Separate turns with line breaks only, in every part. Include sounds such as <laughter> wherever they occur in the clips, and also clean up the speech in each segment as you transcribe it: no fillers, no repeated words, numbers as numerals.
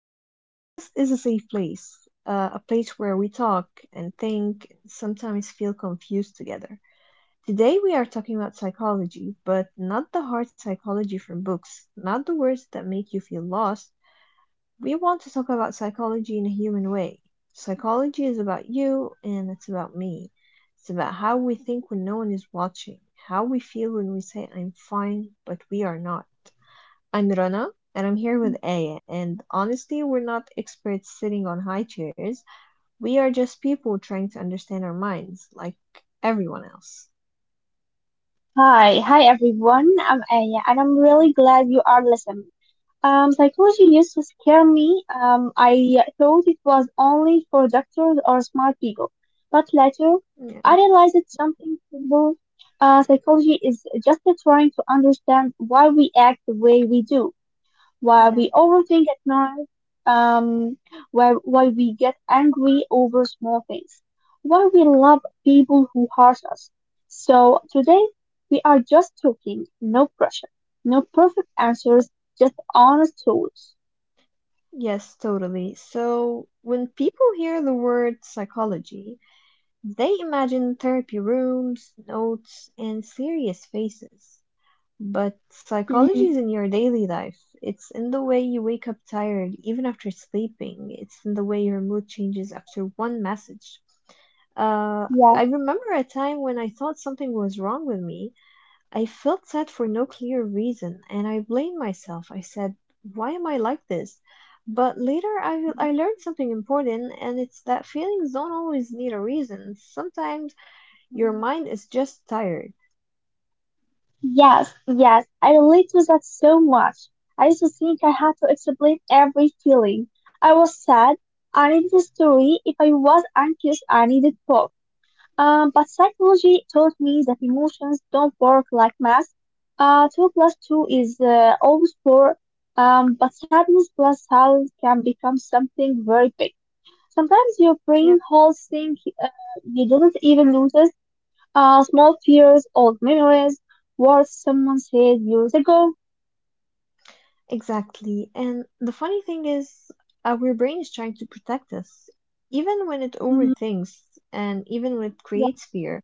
This podcast is a safe place, a place where we talk and think, and sometimes feel confused together. Today, we are talking about psychology, but not the hard psychology from books, not the words that make you feel lost. We want to talk about psychology in a human way. Psychology is about you, and it's about me. It's about how we think when no one is watching, how we feel when we say, I'm fine, but we are not. I'm Rana, and I'm
Mm.
here with Aya. And honestly, we're not experts sitting on high chairs. We are just people trying to understand our minds, like everyone else.
Hi everyone. I'm Aya, and I'm really glad you are listening. Psychology used to scare me. I thought it was only for doctors or smart people, but later I
Yeah,
realized it's something simple. Psychology is just trying to understand why we act the way we do. Why
yeah.
we overthink at night, um, why we get angry over small things, why we love people who hurt us. So today we are just talking, no pressure, no perfect answers, just honest thoughts.
Yes, totally. So, when people hear the word psychology, they imagine therapy rooms, notes, and serious faces. But psychology
Mhm.
is in your daily life. It's in the way you wake up tired even after sleeping. It's in the way your mood changes after one message. Uh,
Yes,
I remember a time when I thought something was wrong with me. I felt sad for no clear reason, and I blamed myself. I said, why am I like this? But later I learned something important, and it's that feelings don't always need a reason. Sometimes your mind is just tired.
yes, yes, I relate to that so much. I used to think I had to explain every feeling. I was sad, I needed a story. If I was anxious, I needed both. But psychology taught me that emotions don't work like math. Two plus two is always four. But sadness plus house can become something very big. Sometimes your brain
Yeah.
holds things you didn't even notice. Small fears, old memories, words someone said years ago.
Exactly. And the funny thing is, our brain is trying to protect us, even when it
Hmm.
overthinks and even when it
Yeah.
creates fear.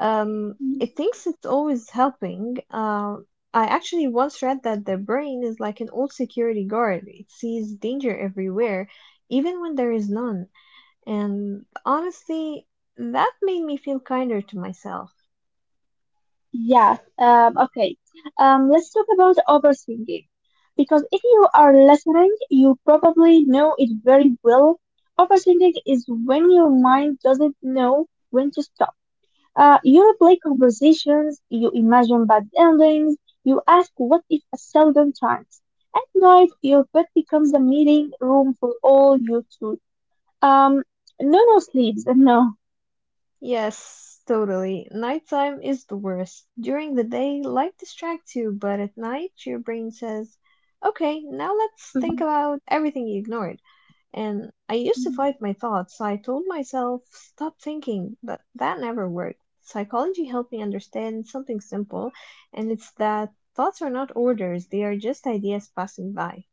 Mm-hmm.
It thinks it's always helping. I actually once read that the brain is like an old security guard. It sees danger everywhere, even when there is none. And honestly, that made me feel kinder to myself.
Yes. Okay. Let's talk about overthinking. Because if you are listening, you probably know it very well. Overthinking is when your mind doesn't know when to stop. You replay conversations, you imagine bad endings, you ask what if a thousand times. At night, your bed becomes a meeting room for all your thoughts. Um, no, no sleeps, no.
Yes, totally. Nighttime is the worst. During the day, light distracts you, but at night, your brain says, okay, now let's think
<laughs>
about everything you ignored. And I used to fight my thoughts. I told myself, stop thinking, but that never worked. Psychology helped me understand something simple, and it's that thoughts are not orders, they are just ideas passing by.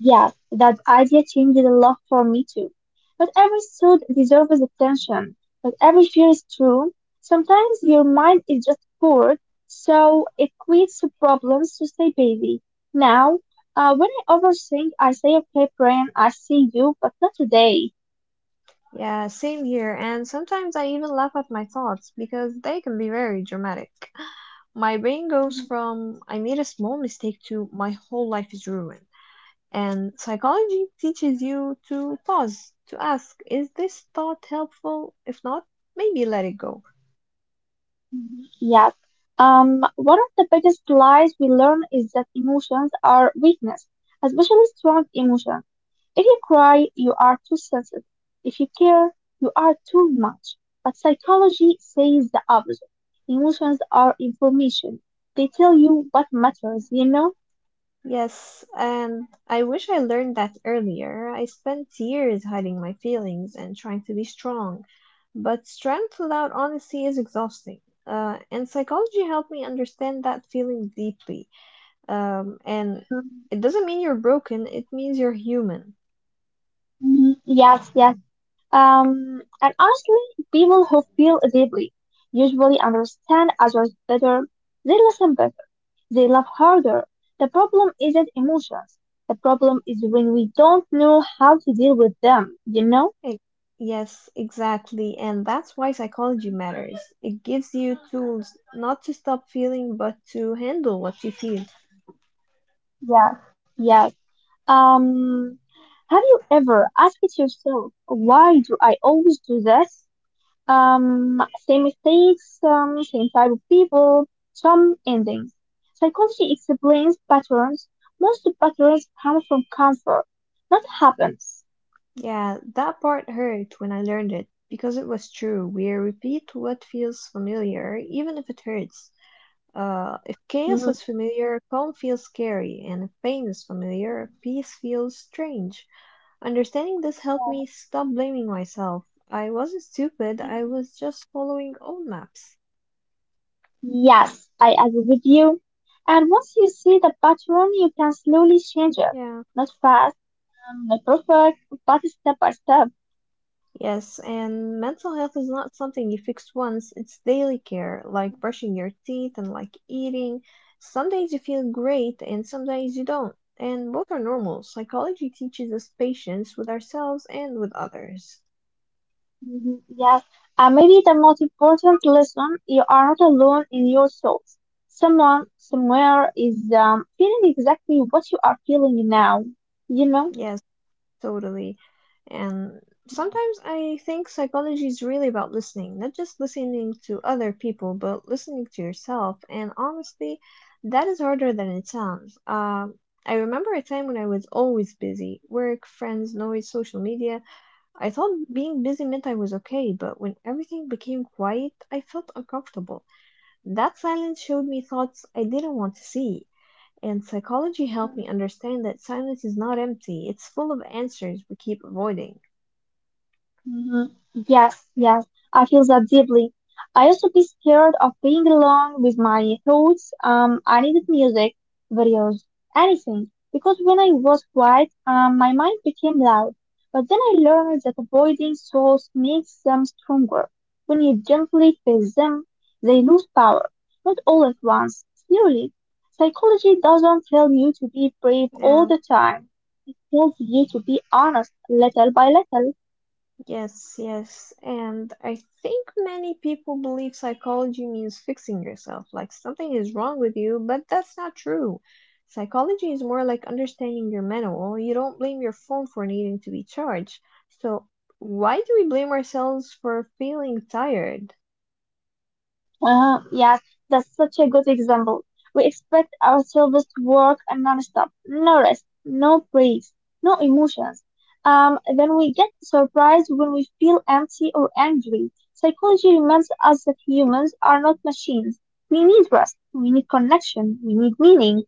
Yes, that idea changed a lot for me too. But every thought deserves attention. But every fear is true. Sometimes your mind is just bored, so it creates problems to stay busy. Now, when I overthink, I say, okay, brain, I see you, but not today.
Yeah, same here. And sometimes I even laugh at my thoughts because they can be very dramatic. <gasps> My brain goes
Mhm.
from I made a small mistake to my whole life is ruined. And psychology teaches you to pause, to ask, is this thought helpful? If not, maybe let it go.
Mhm. Yes. One of the biggest lies we learn is that emotions are weakness, especially strong emotions. If you cry, you are too sensitive. If you care, you are too much. But psychology says the opposite. Emotions are information. They tell you what matters,
Yes, and I wish I learned that earlier. I spent years hiding my feelings and trying to be strong, but strength without honesty is exhausting. And psychology helped me understand that feeling deeply. And
Mm.
it doesn't mean you're broken, it means you're human.
Mm. Yes, yes. And honestly, people who feel deeply usually understand others better. They listen better. They love harder. The problem isn't emotions. The problem is when we don't know how to deal with them, you know?
E- yes, exactly. And that's why psychology matters. It gives you tools not to stop feeling, but to handle what you feel.
Yeah. Yes. Um, have you ever asked yourself, why do I always do this? Um, Same mistakes, same type of people, some endings. Psychology explains patterns. Most patterns come from comfort, not happens.
Yeah, that part hurt when I learned it, because it was true. We repeat what feels familiar, even if it hurts. If chaos
Mhm.
is familiar, calm feels scary, and if pain is familiar, peace feels strange. Understanding this helped
Yeah.
me stop blaming myself. I wasn't stupid, I was just following old maps.
Yes, I agree with you. And once you see the pattern, you can slowly change it.
Yeah.
Not fast, not perfect, but step by step.
Yes, and mental health is not something you fix once, it's daily care, like brushing your teeth and like eating. Some days you feel great and some days you don't, and both are normal. Psychology teaches us patience with ourselves and with others.
Mhm. Yes, and maybe the most important lesson, you are not alone in your thoughts. Someone somewhere is feeling exactly what you are feeling now, you know?
Yes. Totally. And sometimes I think psychology is really about listening, not just listening to other people, but listening to yourself. And honestly, that is harder than it sounds. I remember a time when I was always busy work, friends, noise, social media. I thought being busy meant I was okay, but when everything became quiet, I felt uncomfortable. That silence showed me thoughts I didn't want to see. And psychology helped me understand that silence is not empty, it's full of answers we keep avoiding.
Mhm. Yes, yes, I feel that deeply. I used to be scared of being alone with my thoughts. I needed music, videos, anything, because when I was quiet, my mind became loud. But then I learned that avoiding thoughts makes them stronger. When you gently face them, they lose power. Not all at once, slowly. Psychology doesn't tell you to be brave all
Yeah,
the time. It tells you to be honest, little by little.
yes, yes. And I think many people believe psychology means fixing yourself, like something is wrong with you, but that's not true. Psychology is more like understanding your manual. You don't blame your phone for needing to be charged. So, why do we blame ourselves for feeling tired?
Yes, that's such a good example. We expect ourselves to work non-stop, no rest, no breaks, no emotions. Then we get surprised when we feel empty or angry. Psychology reminds us that humans are not machines. We need rest, we need connection, we need meaning.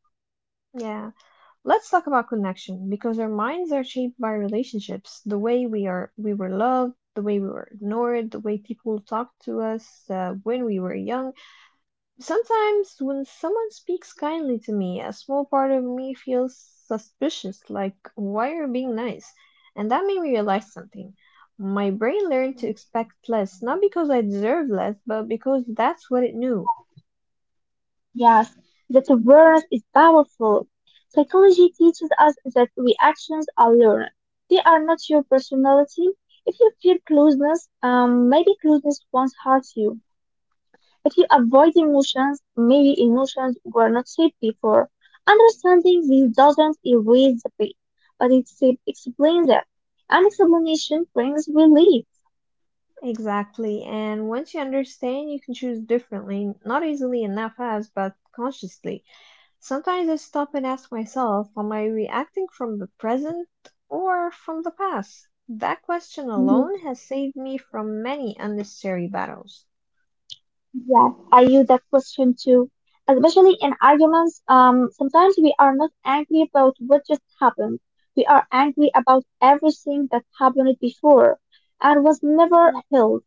Yeah. Let's talk about connection because our minds are shaped by relationships, the way we were loved, the way we were ignored, the way people talked to us when we were young. Sometimes when someone speaks kindly to me, a small part of me feels suspicious, like why are you being nice? And that made me realize something. My brain learned to expect less, not because I deserve less, but because that's what it knew.
Yes, that awareness is powerful. Psychology teaches us that reactions are learned. They are not your personality. If you feel closeness, maybe closeness once hurt you. If you avoid emotions, maybe emotions were not safe before. Understanding this doesn't erase the pain, but it explains it. And explanation brings relief.
Exactly. And once you understand, you can choose differently, not easily and not fast, but consciously. Sometimes I stop and ask myself, am I reacting from the present or from the past? That question alone has saved me from many unnecessary battles.
Yes, I use that question too. Especially in arguments, sometimes we are not angry about what just happened. We are angry about everything that happened before and was never
Mhm.
healed.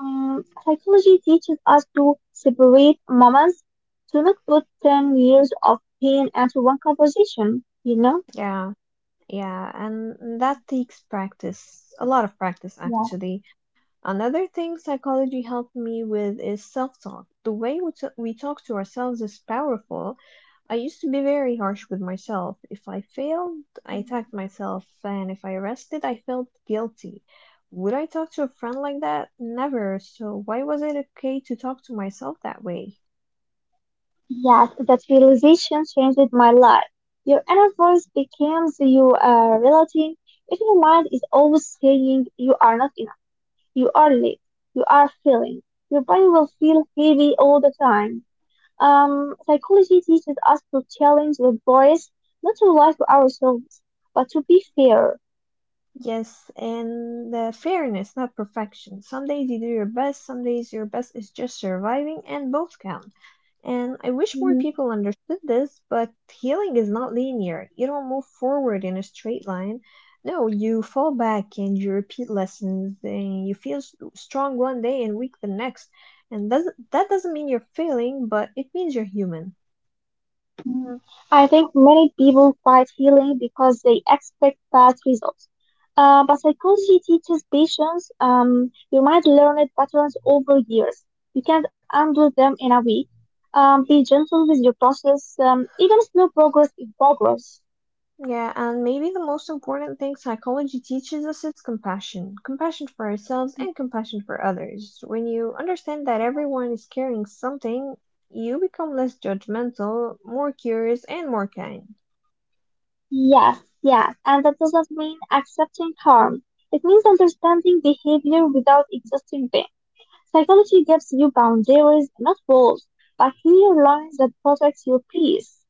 Psychology teaches us to separate moments, to not put 10 years of pain into one conversation,
Yeah, yeah, and that takes practice, a lot of practice
Yeah.
actually. Another thing psychology helped me with is self talk. The way we talk to ourselves is powerful. I used to be very harsh with myself. If I failed, I attacked myself, and if I rested, I felt guilty. Would I talk to a friend like that? Never. So, why was it okay to talk to myself that way?
Yes, that realization changed my life. Your inner voice becomes your reality. If your mind is always saying you are not enough, you are late, you are failing, your body will feel heavy all the time. Psychology teaches us to challenge the voice, not to lie to ourselves, but to be fair.
Yes, and fairness, not perfection. Some days you do your best, some days your best is just surviving, and both count. And I wish more
Mm-hmm.
people understood this, but healing is not linear. You don't move forward in a straight line. No, you fall back and you repeat lessons and you feel strong one day and weak the next. And does, that doesn't mean you're failing, but it means you're human.
Mm, I think many people fight healing because they expect fast results. But psychology teaches patience. You might learn it patterns over years. You can't undo them in a week. Be gentle with your process. Even slow progress is progress.
Yeah, and maybe the most important thing psychology teaches us is compassion. Compassion for ourselves and compassion for others. When you understand that everyone is carrying something, you become less judgmental, more curious, and more kind.
Yes, yes, and that doesn't mean accepting harm. It means understanding behavior without existing pain. Psychology gives you boundaries, not rules, but clear lines that protect your peace.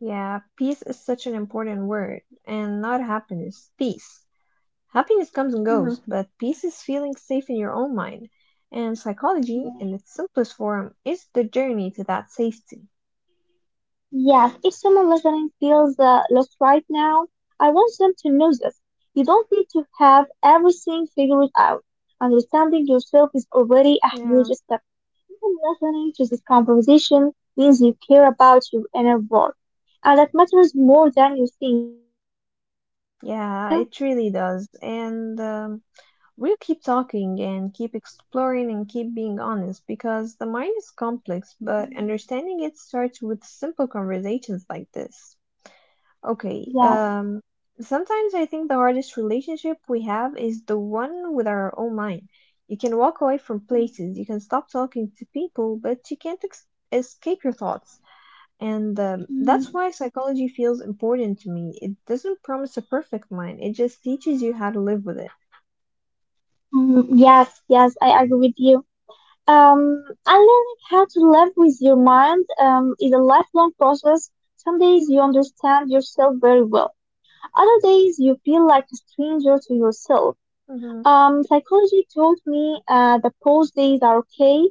Yeah, peace is such an important word, and not happiness, peace. Happiness comes and goes, but peace is feeling safe in your own mind, and psychology, in its simplest form, is the journey to that safety.
Yes, if someone listening feels lost right now, I want them to know this. You don't need to have everything figured out. Understanding yourself is already a
Yeah,
huge step. Even listening to this conversation means you care about your inner world. And that matters more than you think, you know?
yeah, it really does. And we'll keep talking and keep exploring and keep being honest because the mind is complex, but understanding it starts with simple conversations like this. Okay.
Yes.
Sometimes I think the hardest relationship we have is the one with our own mind. You can walk away from places, you can stop talking to people, but you can't escape your thoughts. And that's
Mhm.
why psychology feels important to me. It doesn't promise a perfect mind, it just teaches you how to live with it.
Mhm. Yes, yes, I agree with you. And learning how to live with your mind is a lifelong process. Some days you understand yourself very well. Other days you feel like a stranger to yourself.
Mhm.
Psychology taught me that pause days are okay.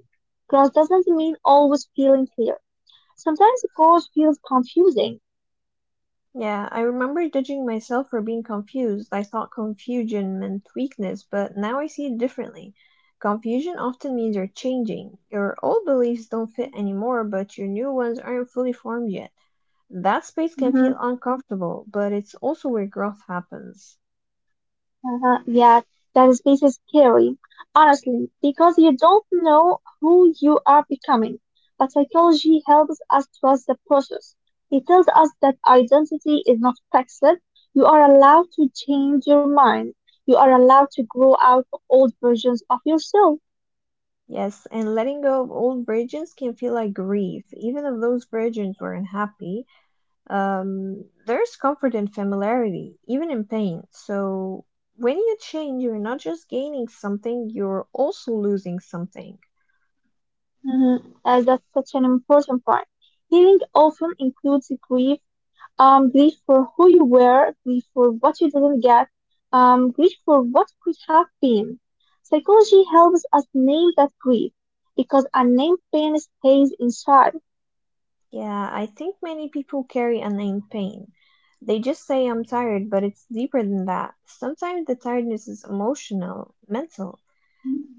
Growth doesn't mean always feeling clear. Sometimes growth feels confusing.
Yeah, I remember judging myself for being confused. I thought confusion meant weakness, but now I see it differently. Confusion often means you're changing. Your old beliefs don't fit anymore, but your new ones aren't fully formed yet. That space can feel uncomfortable, but it's also where growth happens.
Uh-huh. Yeah, that space is scary, honestly, because you don't know who you are becoming. But psychology helps us trust the process. It tells us that identity is not fixed. You are allowed to change your mind. You are allowed to grow out of old versions of yourself.
Yes, and letting go of old versions can feel like grief, even if those versions weren't happy. There's comfort in familiarity, even in pain. So when you change, you're not just gaining something, you're also losing something.
Mhm. As that's such an important part. Healing often includes grief. Grief for who you were, grief for what you didn't get, grief for what could have been. Psychology helps us name that grief because unnamed pain stays inside.
Yeah, I think many people carry unnamed pain. They just say I'm tired, but it's deeper than that. Sometimes the tiredness is emotional, mental,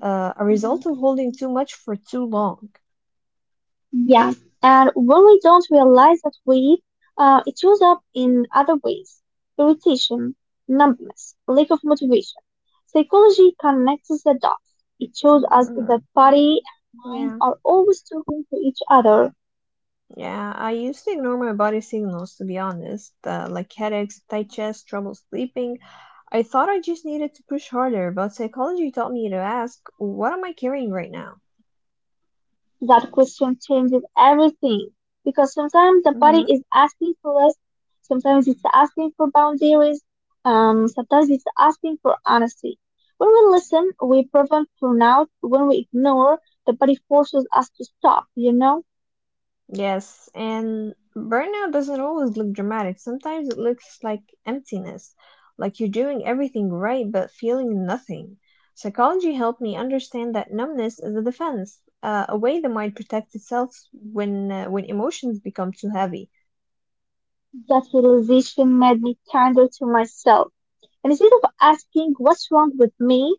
a result of
Hmm.
holding too much for too long.
Yeah, and when we don't realize that it shows up in other ways: irritation, numbness, lack of motivation. Psychology connects the dots. It shows us
Mm,
that body and mind
yeah,
are always talking to each other.
yeah. I used to ignore my body signals, to be honest, like headaches, tight chest, trouble sleeping. I thought I just needed to push harder, but psychology taught me to ask, what am I carrying right now?
That question changes everything because sometimes the body
Mhm.
is asking for rest, sometimes it's asking for boundaries, sometimes it's asking for honesty. When we listen, we prevent burnout. When we ignore, the body forces us to stop, you know?
Yes, and burnout doesn't always look dramatic. Sometimes it looks like emptiness, like you're doing everything right but feeling nothing. Psychology helped me understand that numbness is a defense, a way the mind protects itself when emotions become too heavy.
That realization made me kinder to myself. And instead of asking what's wrong with me,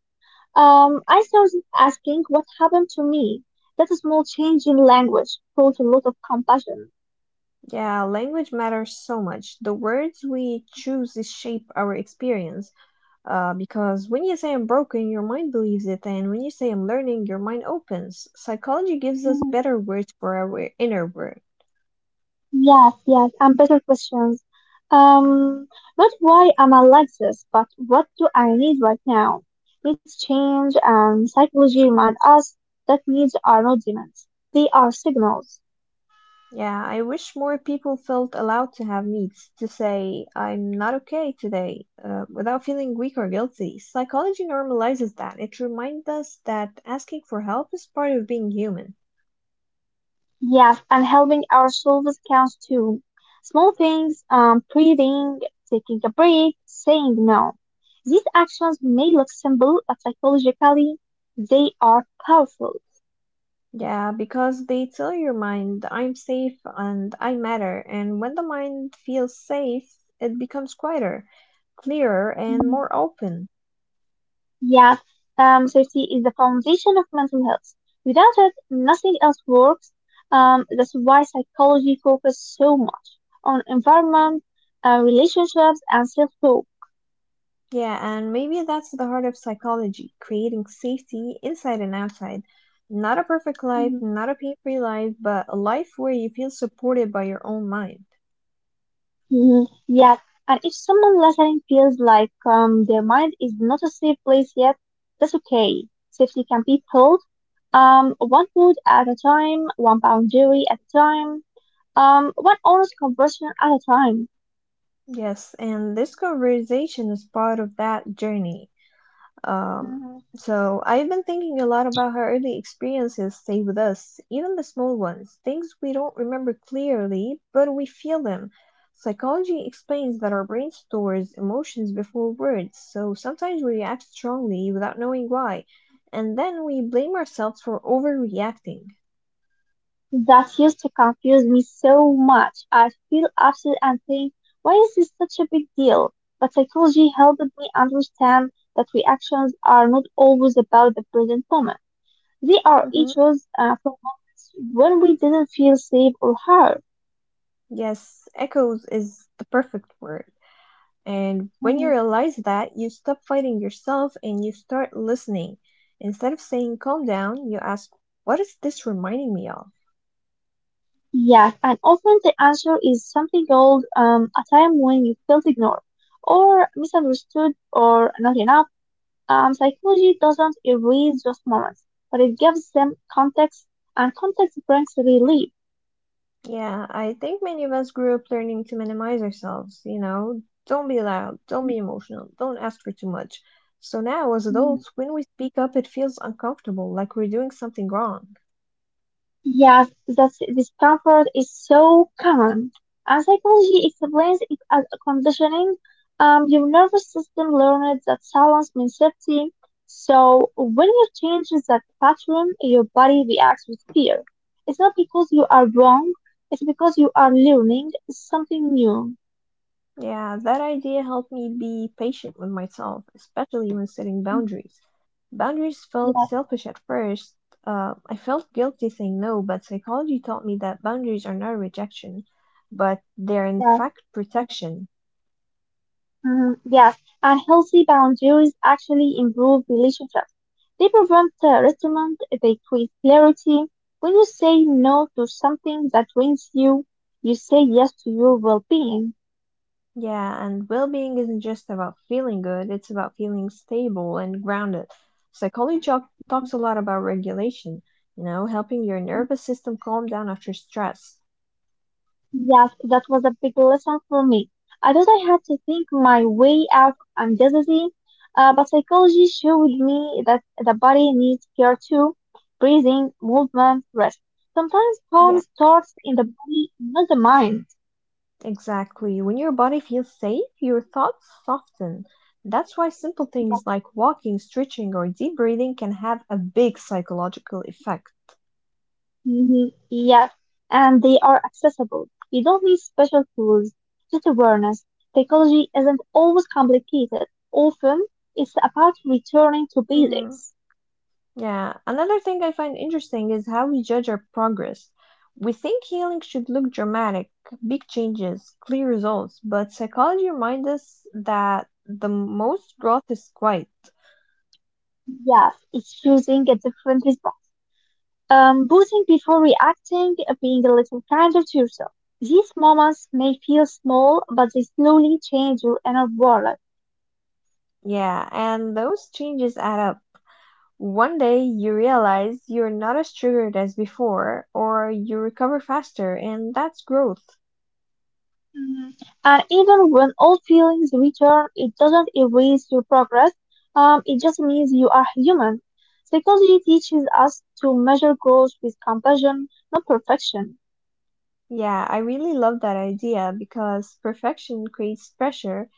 I started asking what happened to me. That small change in language brought a lot of compassion.
Yeah, language matters so much. The words we choose shape our experience. Because when you say I'm broken, your mind believes it, and when you say I'm learning, your mind opens. Psychology gives us better words for our inner work.
Yes, yes, and better questions. Um, Not why am I like this, but what do I need right now? Needs change, and psychology remind us that needs are not demands. They are signals.
Yeah, I wish more people felt allowed to have needs, to say, I'm not okay today, without feeling weak or guilty. Psychology normalizes that. It reminds us that asking for help is part of being human.
Yes, and helping ourselves counts too. Small things, breathing, taking a break, saying no. These actions may look simple, but psychologically, they are powerful.
Yeah, because they tell your mind, I'm safe and I matter. And when the mind feels safe, it becomes quieter, clearer, and more open.
Yes, safety is the foundation of mental health. Without it, nothing else works. That's why psychology focuses so much on environment, relationships, and self-talk.
Yeah, and maybe that's the heart of psychology, creating safety inside and outside. Not a perfect life,
Mhm.
not a pain-free life, but a life where you feel supported by your own mind.
Mhm. Yes, and if someone listening feels like their mind is not a safe place yet, that's okay. Safety can be built one food at a time, one boundary at a time, one honest conversation at a time.
Yes, and this conversation is part of that journey. Um, so I've been thinking a lot about how early experiences stay with us, even the small ones, things we don't remember clearly, but we feel them. Psychology explains that our brain stores emotions before words, so sometimes we react strongly without knowing why, and then we blame ourselves for overreacting.
That used to confuse me so much. I'd feel upset and think, why is this such a big deal? But psychology helped me understand that reactions are not always about the present moment. They are
Hmm.
issues from moments when we didn't feel safe or heard.
Yes, echoes is the perfect word. And when you
Mhm.
realize that, you stop fighting yourself and you start listening. Instead of saying calm down, you ask, what is this reminding me of?
Yes, and often the answer is something old, a time when you felt ignored or misunderstood or not enough. Psychology doesn't erase those moments, but it gives them context, and context brings relief.
Yeah, I think many of us grew up learning to minimize ourselves, don't be loud, don't be emotional, don't ask for too much. So now, as
Mhm.
adults, when we speak up, it feels uncomfortable, like we're doing something wrong.
Yes, that discomfort is so common. And psychology explains it as a conditioning. Your nervous system learned that silence means safety. So when you change that pattern, your body reacts with fear. It's not because you are wrong, it's because you are learning something new.
Yeah, that idea helped me be patient with myself, especially when setting boundaries. Boundaries felt
Yes,
selfish at first. I felt guilty saying no, but psychology taught me that boundaries are not rejection, but they're in
yes.
fact protection.
Mhm. Yes, and healthy boundaries actually improve relationships. They prevent resentment, they create clarity. When you say no to something that drains you, you say yes to your well being.
Yeah, and well being isn't just about feeling good, it's about feeling stable and grounded. Psychology talks a lot about regulation, you know, helping your nervous system calm down after stress.
Yes, that was a big lesson for me. I thought I had to think my way out of anxiety, but psychology showed me that the body needs care too breathing, movement, rest. Sometimes harm
Yeah,
starts in the body, not the mind.
exactly. When your body feels safe, your thoughts soften. That's why simple
Yeah,
things like walking, stretching, or deep breathing can have a big psychological effect.
hmm, yeah, and they are accessible. You don't need special tools, just awareness. Psychology isn't always complicated. Often, it's about returning to
Hmm.
basics.
Yeah. Another thing I find interesting is how we judge our progress. We think healing should look dramatic, big changes, clear results, but psychology reminds us that the most growth is quiet.
Yes, it's choosing a different response. Boosting before reacting, being a little kinder to yourself. These moments may feel small, but they slowly change your inner world.
Yeah, and those changes add up. One day you realize you're not as triggered as before, or you recover faster, and that's growth.
Mhm. And even when old feelings return, it doesn't erase your progress. It just means you are human. Psychology teaches us to measure growth with compassion, not perfection.
Yeah, I really love that idea because perfection creates pressure,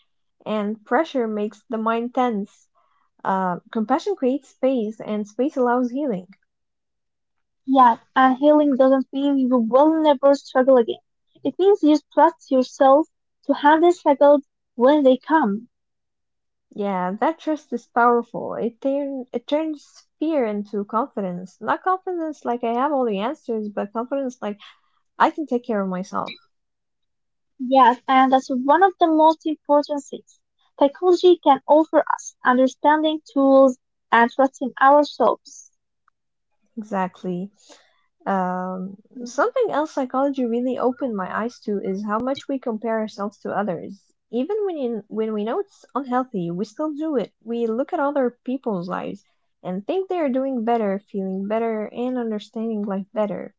and pressure makes the mind tense. Compassion creates space, and space allows healing.
Yes, and healing doesn't mean you will never struggle again. It means you trust yourself to handle struggles when they come.
Yeah, that trust is powerful. It turns fear into confidence. Not confidence like I have all the answers, but confidence like I can take care of myself.
Yes, and that's one of the most important things. Psychology can offer us understanding tools and trusting ourselves.
Exactly. Um, Something else psychology really opened my eyes to is how much we compare ourselves to others. When we know it's unhealthy, we still do it. We look at other people's lives and think they are doing better, feeling better, and understanding life better.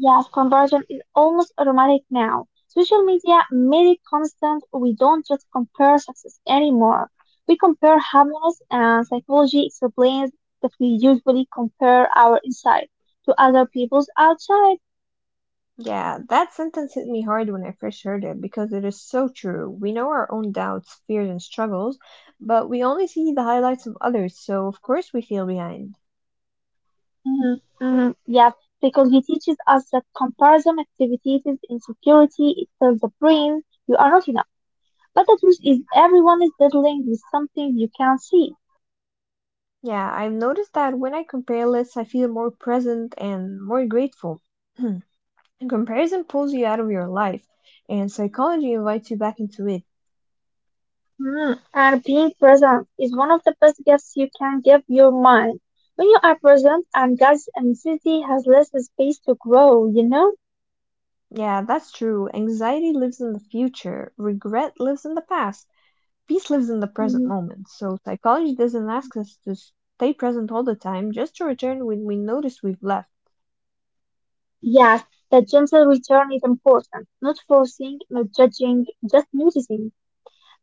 Yes, comparison is almost automatic now. Social media made it constant. We don't just compare success anymore. We compare happiness, and psychology explains that we usually compare our inside to other people's outside.
Yeah, that sentence hit me hard when I first heard it because it is so true. We know our own doubts, fears, and struggles, but we only see the highlights of others, so of course we feel behind.
Hmm. Yes, psychology teaches us that comparison activities is insecurity. It tells the brain you are not enough. But the truth is, everyone is dealing with something you can't see.
Yeah, I've noticed that when I compare lists, I feel more present and more grateful. <clears throat> And comparison pulls you out of your life, and psychology invites you back into it.
Mm, and being present is one of the best gifts you can give your mind. When you are present and God's anxiety has less space to grow, you know?
Yeah, that's true. Anxiety lives in the future, regret lives in the past, peace lives in the present
Mhm.
moment. So, psychology doesn't ask us to stay present all the time, just to return when we notice we've left.
Yes, that gentle return is important. Not forcing, not judging, just noticing.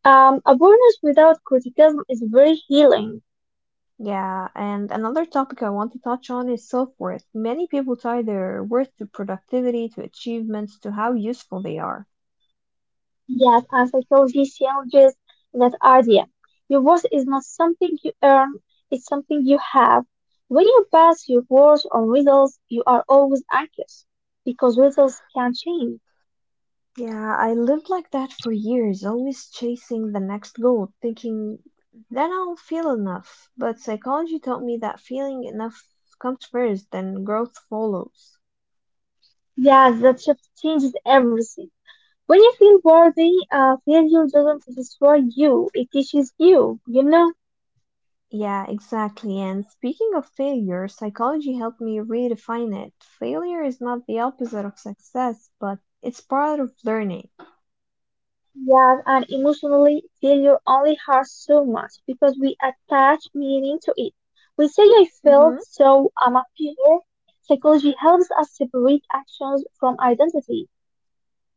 Awareness without criticism is very healing.
Yeah, and another topic I want to touch on is self-worth. Many people tie their worth to productivity, to achievements, to how useful they are.
Yes, and psychology challenges that idea. Your worth is not something you earn, it's something you have. When you pass your worth on results, you are always anxious because results can change.
Yeah, I lived like that for years, always chasing the next goal, thinking then I'll feel enough. But psychology taught me that feeling enough comes first, then growth follows.
Yes, that shift changes everything. When you feel worthy, failure doesn't destroy you, it teaches you, you know?
Yeah, exactly. And speaking of failure, psychology helped me redefine it. Failure is not the opposite of success, but it's part of learning.
Yes, and emotionally, failure only hurts so much because we attach meaning to it. We say, I failed,
Mm-hmm.
so I'm a failure. Psychology helps us separate actions from identity.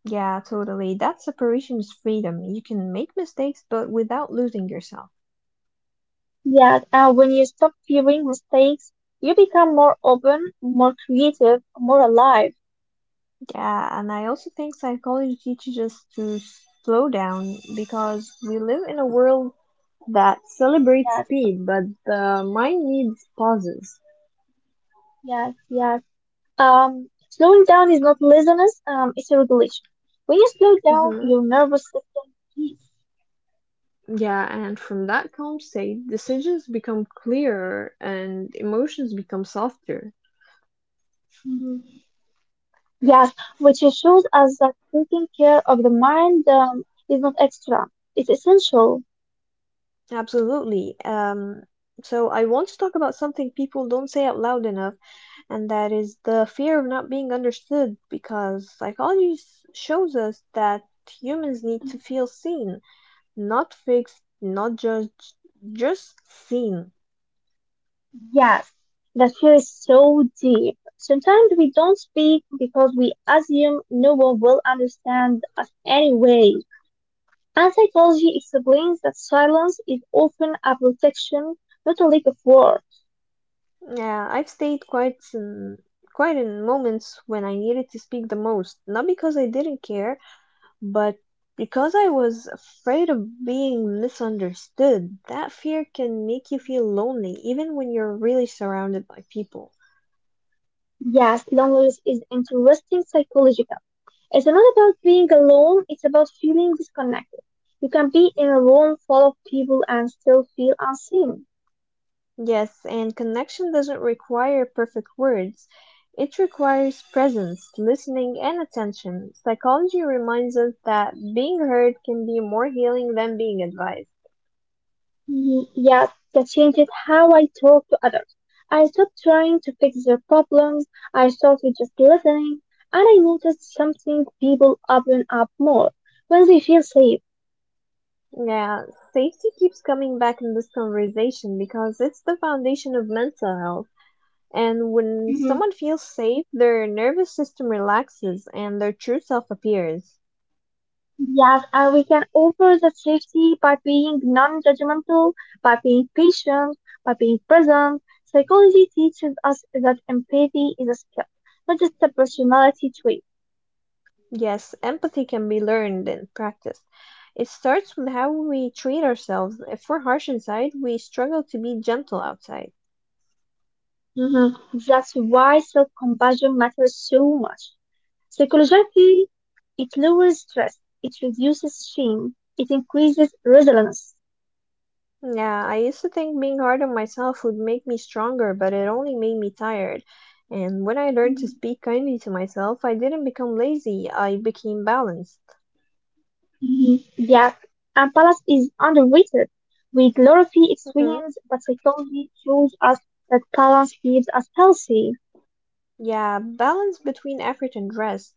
Yeah, totally. That separation is freedom. You can make mistakes, but without losing yourself.
Yes, and when you stop fearing mistakes, you become more open, more creative, more alive.
Yeah, and I also think psychology teaches us to slow down because we live in a world that celebrates
Yes,
speed, but the mind needs pauses.
yes, yes. Slowing down is not laziness, it's a regulation. When you slow down,
Hmm.
your nervous system peace.
Yeah, and from that calm state, decisions become clearer and emotions become softer.
Yes, which shows us that taking care of the mind is not extra, it's essential.
Absolutely. So I want to talk about something people don't say out loud enough, and that is the fear of not being understood, because psychology shows us that humans need to feel seen. Not fixed, not judged, just seen.
Yes, that fear is so deep. Sometimes we don't speak because we assume no one will understand us anyway. And psychology explains that silence is often a protection, not a lack of words.
Yeah, I've stayed quite in, quite in moments when I needed to speak the most, not because I didn't care, but because I was afraid of being misunderstood. That fear can make you feel lonely, even when you're really surrounded by people.
Yes, loneliness is interesting psychologically. It's not about being alone, it's about feeling disconnected. You can be in a room full of people and still feel unseen.
Yes, and connection doesn't require perfect words. It requires presence, listening, and attention. Psychology reminds us that being heard can be more healing than being advised.
Yet, that changes how I talk to others. I stopped trying to fix their problems, I started just listening, and I noticed something people open up more when they feel safe.
Yeah, safety keeps coming back in this conversation because it's the foundation of mental health. And when someone feels safe, their nervous system relaxes and their true self appears.
Yes, and we can offer that safety by being non-judgmental, by being patient, by being present. Psychology teaches us that empathy is a skill, not just a personality trait.
Yes, empathy can be learned and practiced. It starts with how we treat ourselves. If we're harsh inside, we struggle to be gentle outside.
Mhm. That's why self-compassion matters so much. Psychologically, it lowers stress, it reduces shame, it increases resilience.
Yeah, I used to think being hard on myself would make me stronger, but it only made me tired. And when I learned to speak kindly to myself, I didn't become lazy, I became balanced.
Mhm. Yes, and balance is underrated. We glorify
Hmm.
extremes, but psychology shows us that balance keeps us healthy.
Yeah, balance between effort and rest,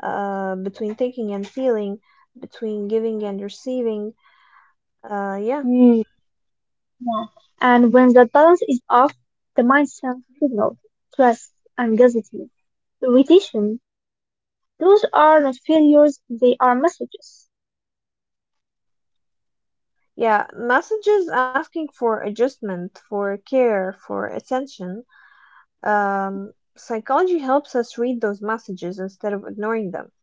between thinking and feeling, between giving and receiving. Yeah.
Mm. Yeah. And when that balance is off, the mind sends signals, stress, anxiety, irritation. Those are not failures, they are messages.
Yeah, messages asking for adjustment, for care, for attention. Um, Psychology helps us read those messages instead of ignoring them.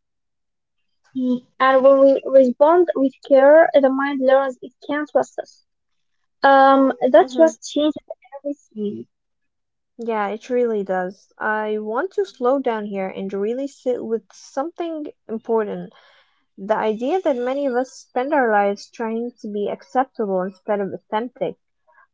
Mm, and when we respond with care, the mind learns it can trust us. That
hmm
trust changes everything.
Yeah, it really does. I want to slow
Yes.
down here and really sit with something important. The idea that many of us spend our lives trying to be acceptable instead of authentic.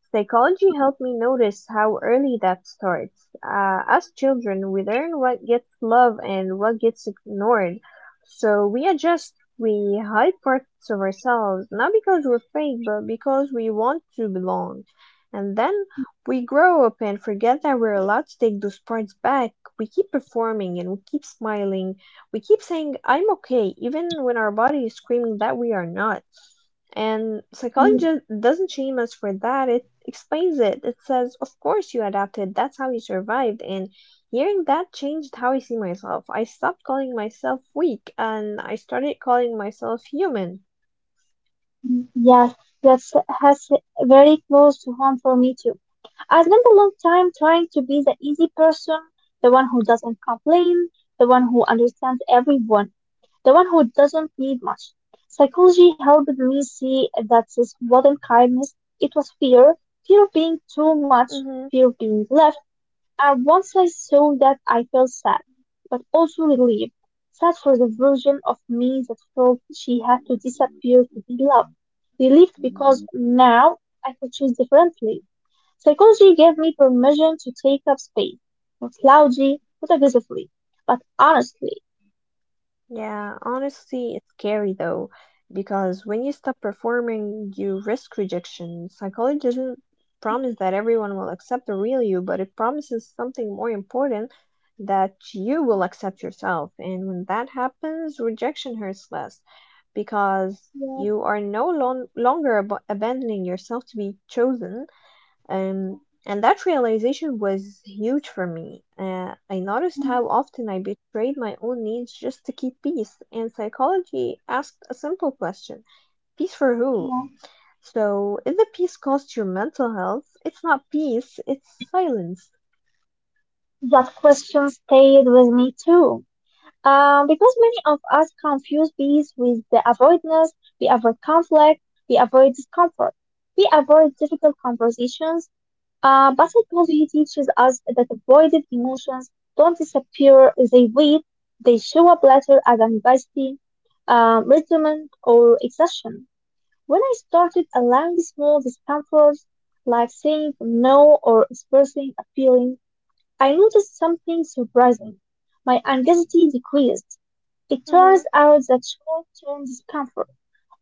Psychology helped me notice how early that starts. As children, we learn what gets love and what gets ignored. So we adjust,
Mhm.
we hide parts of ourselves, not because we're fake, but because we want to belong. And then we grow up and forget that we're allowed to take those parts back. We keep performing and we keep smiling. We keep saying, I'm okay, even when our body is screaming that we are not. And
Y-
psychology doesn't shame us for that. It explains it. It says, of course you adapted. That's how you survived. And hearing that changed how I see myself. I stopped calling myself weak and I started calling myself human.
Yes, that's has very close to home for me too. I spent a long time trying to be the easy person, the one who doesn't complain, the one who understands everyone, the one who doesn't need much. Psychology helped me see that this wasn't kindness, it was fear, fear of being too much,
hmm
fear of being left. And once I saw that, I felt sad, but also relieved. Sad for the version of me that felt she had to disappear to be loved. Relieved because now I could choose differently. Psychology gave me permission to take up space. Not loudly, not aggressively, but honestly.
Yeah, honestly, it's scary though, because when you stop performing, you risk rejection. Psychology doesn't promise that everyone will accept the real you, but it promises something more important that you will accept yourself. And when that happens, rejection hurts less because
Yes,
you are no lon- longer ab- abandoning yourself to be chosen. Um, and that realization was huge for me. I noticed
mm,
how often I betrayed my own needs just to keep peace, and psychology asked a simple question, peace for who?
yes.
So, if the peace costs your mental health, it's not peace, it's silence.
That question stayed with me too. Because many of us confuse peace with the avoidance, we avoid conflict, we avoid discomfort, we avoid difficult conversations. But psychology teaches us that avoided emotions don't disappear, they wait, they show up later as anxiety, resentment, or exhaustion. When I started allowing small discomforts, like saying no or expressing a feeling, I noticed something surprising. My anxiety decreased. It turns
hmm
out that short-term discomfort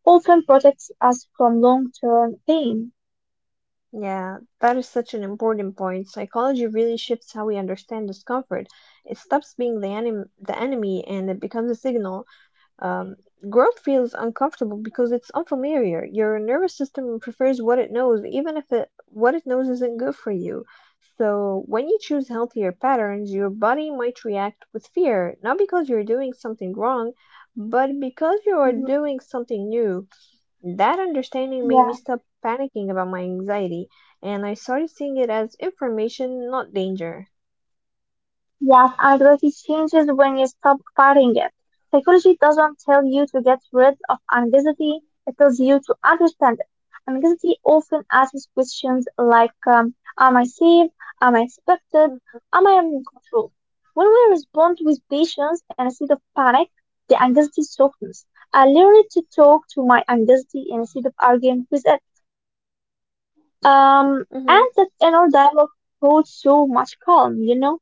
often protects us from long-term pain.
Yeah, that is such an important point. Psychology really shifts how we understand discomfort. It stops being the enemy and it becomes a signal. Um, Growth feels uncomfortable because it's unfamiliar. Your nervous system prefers what it knows, even if what it knows isn't good for you. So, when you choose healthier patterns, your body might react with fear, not because you're doing something wrong, but because you are
Mm.
doing something new. That understanding made me
Yeah.
stop panicking about my anxiety, and I started seeing it as information, not danger.
Yes, anxiety changes when you stop fighting it. Psychology doesn't tell you to get rid of anxiety, it tells you to understand it. Anxiety often asks questions like, am I safe? Am I expected?
Hmm.
Am I in control? When we respond with patience instead of panic, the anxiety softens. I learned to talk to my anxiety instead of arguing with it. Um,
Mm-hmm.
and that inner dialogue brought so much calm, you know?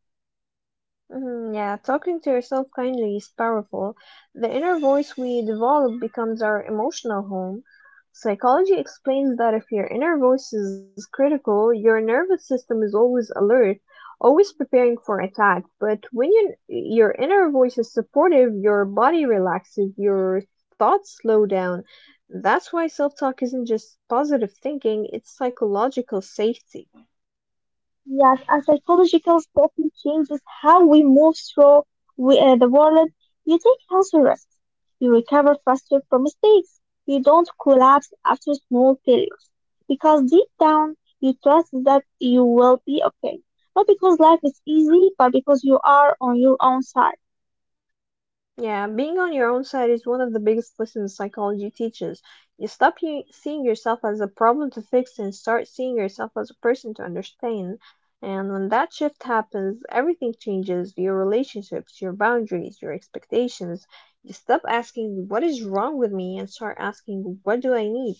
Mhm. Yeah, talking to yourself kindly is powerful. The inner voice we develop becomes our emotional home. Psychology explains that if your inner voice is critical, your nervous system is always alert, always preparing for attack. But when your inner voice is supportive, your body relaxes, your thoughts slow down. That's why self talk isn't just positive thinking, it's psychological safety.
Yes, and psychological safety changes how we move through the world. You take healthy risks. You recover faster from mistakes. You don't collapse after small failures. Because deep down, you trust that you will be okay. Not because life is easy, but because you are on your own side.
Yeah, being on your own side is one of the biggest lessons psychology teaches. You stop you seeing yourself as a problem to fix and start seeing yourself as a person to understand. And when that shift happens, everything changes your relationships, your boundaries, your expectations. You stop asking, What is wrong with me? And start asking, What do I need?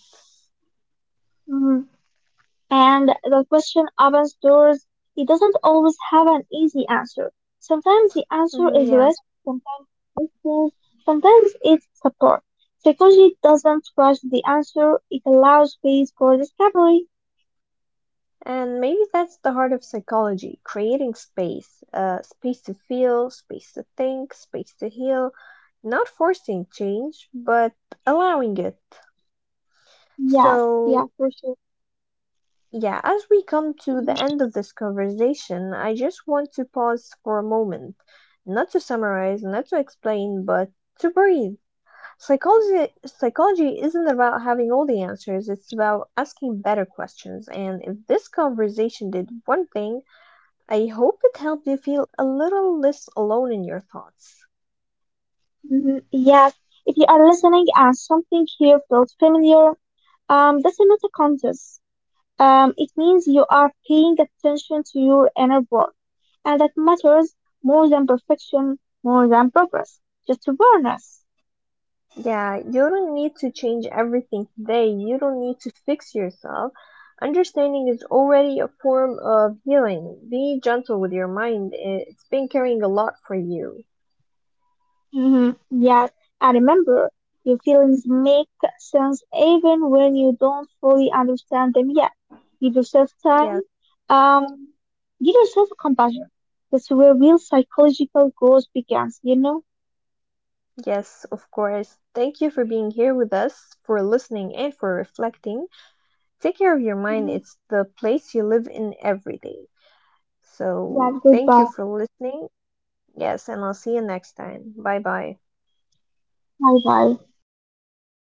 Mhm. And the question opens doors. It doesn't always have an easy answer. Sometimes the answer is
Yeah.
risk, sometimes it's distance, sometimes it's support. Psychology doesn't rush the answer, it allows space for discovery.
And maybe that's the heart of psychology, creating space, space to feel, space to think, space to heal, not forcing change, but allowing it.
Yes, yeah,
So,
for sure.
yeah, as we come to the end of this conversation, I just want to pause for a moment, not to summarize, not to explain, but to breathe. Psychology isn't about having all the answers, it's about asking better questions. And if this conversation did one thing, I hope it helped you feel a little less alone in your thoughts.
Mhm. Yes, if you are listening and something here feels familiar, that's not a contest. It means you are paying attention to your inner world, and that matters more than perfection, more than progress, just awareness.
Yeah, you don't need to change everything today. You don't need to fix yourself. Understanding is already a form of healing. Be gentle with your mind. It's been carrying a lot for you.
Hmm. Yes, and remember, your feelings make sense even when you don't fully understand them yet. Give yourself time.
Yes,
Um, Give yourself compassion. That's where real psychological growth begins, you know?
yes, of course. Thank you for being here with us, for listening, and for reflecting. Take care of your mind.
Hmm.
It's the place you live in every day.
Yeah,
So, thank you
goodbye.
for listening. Yes, and I'll see you next time. Bye bye.
Bye bye.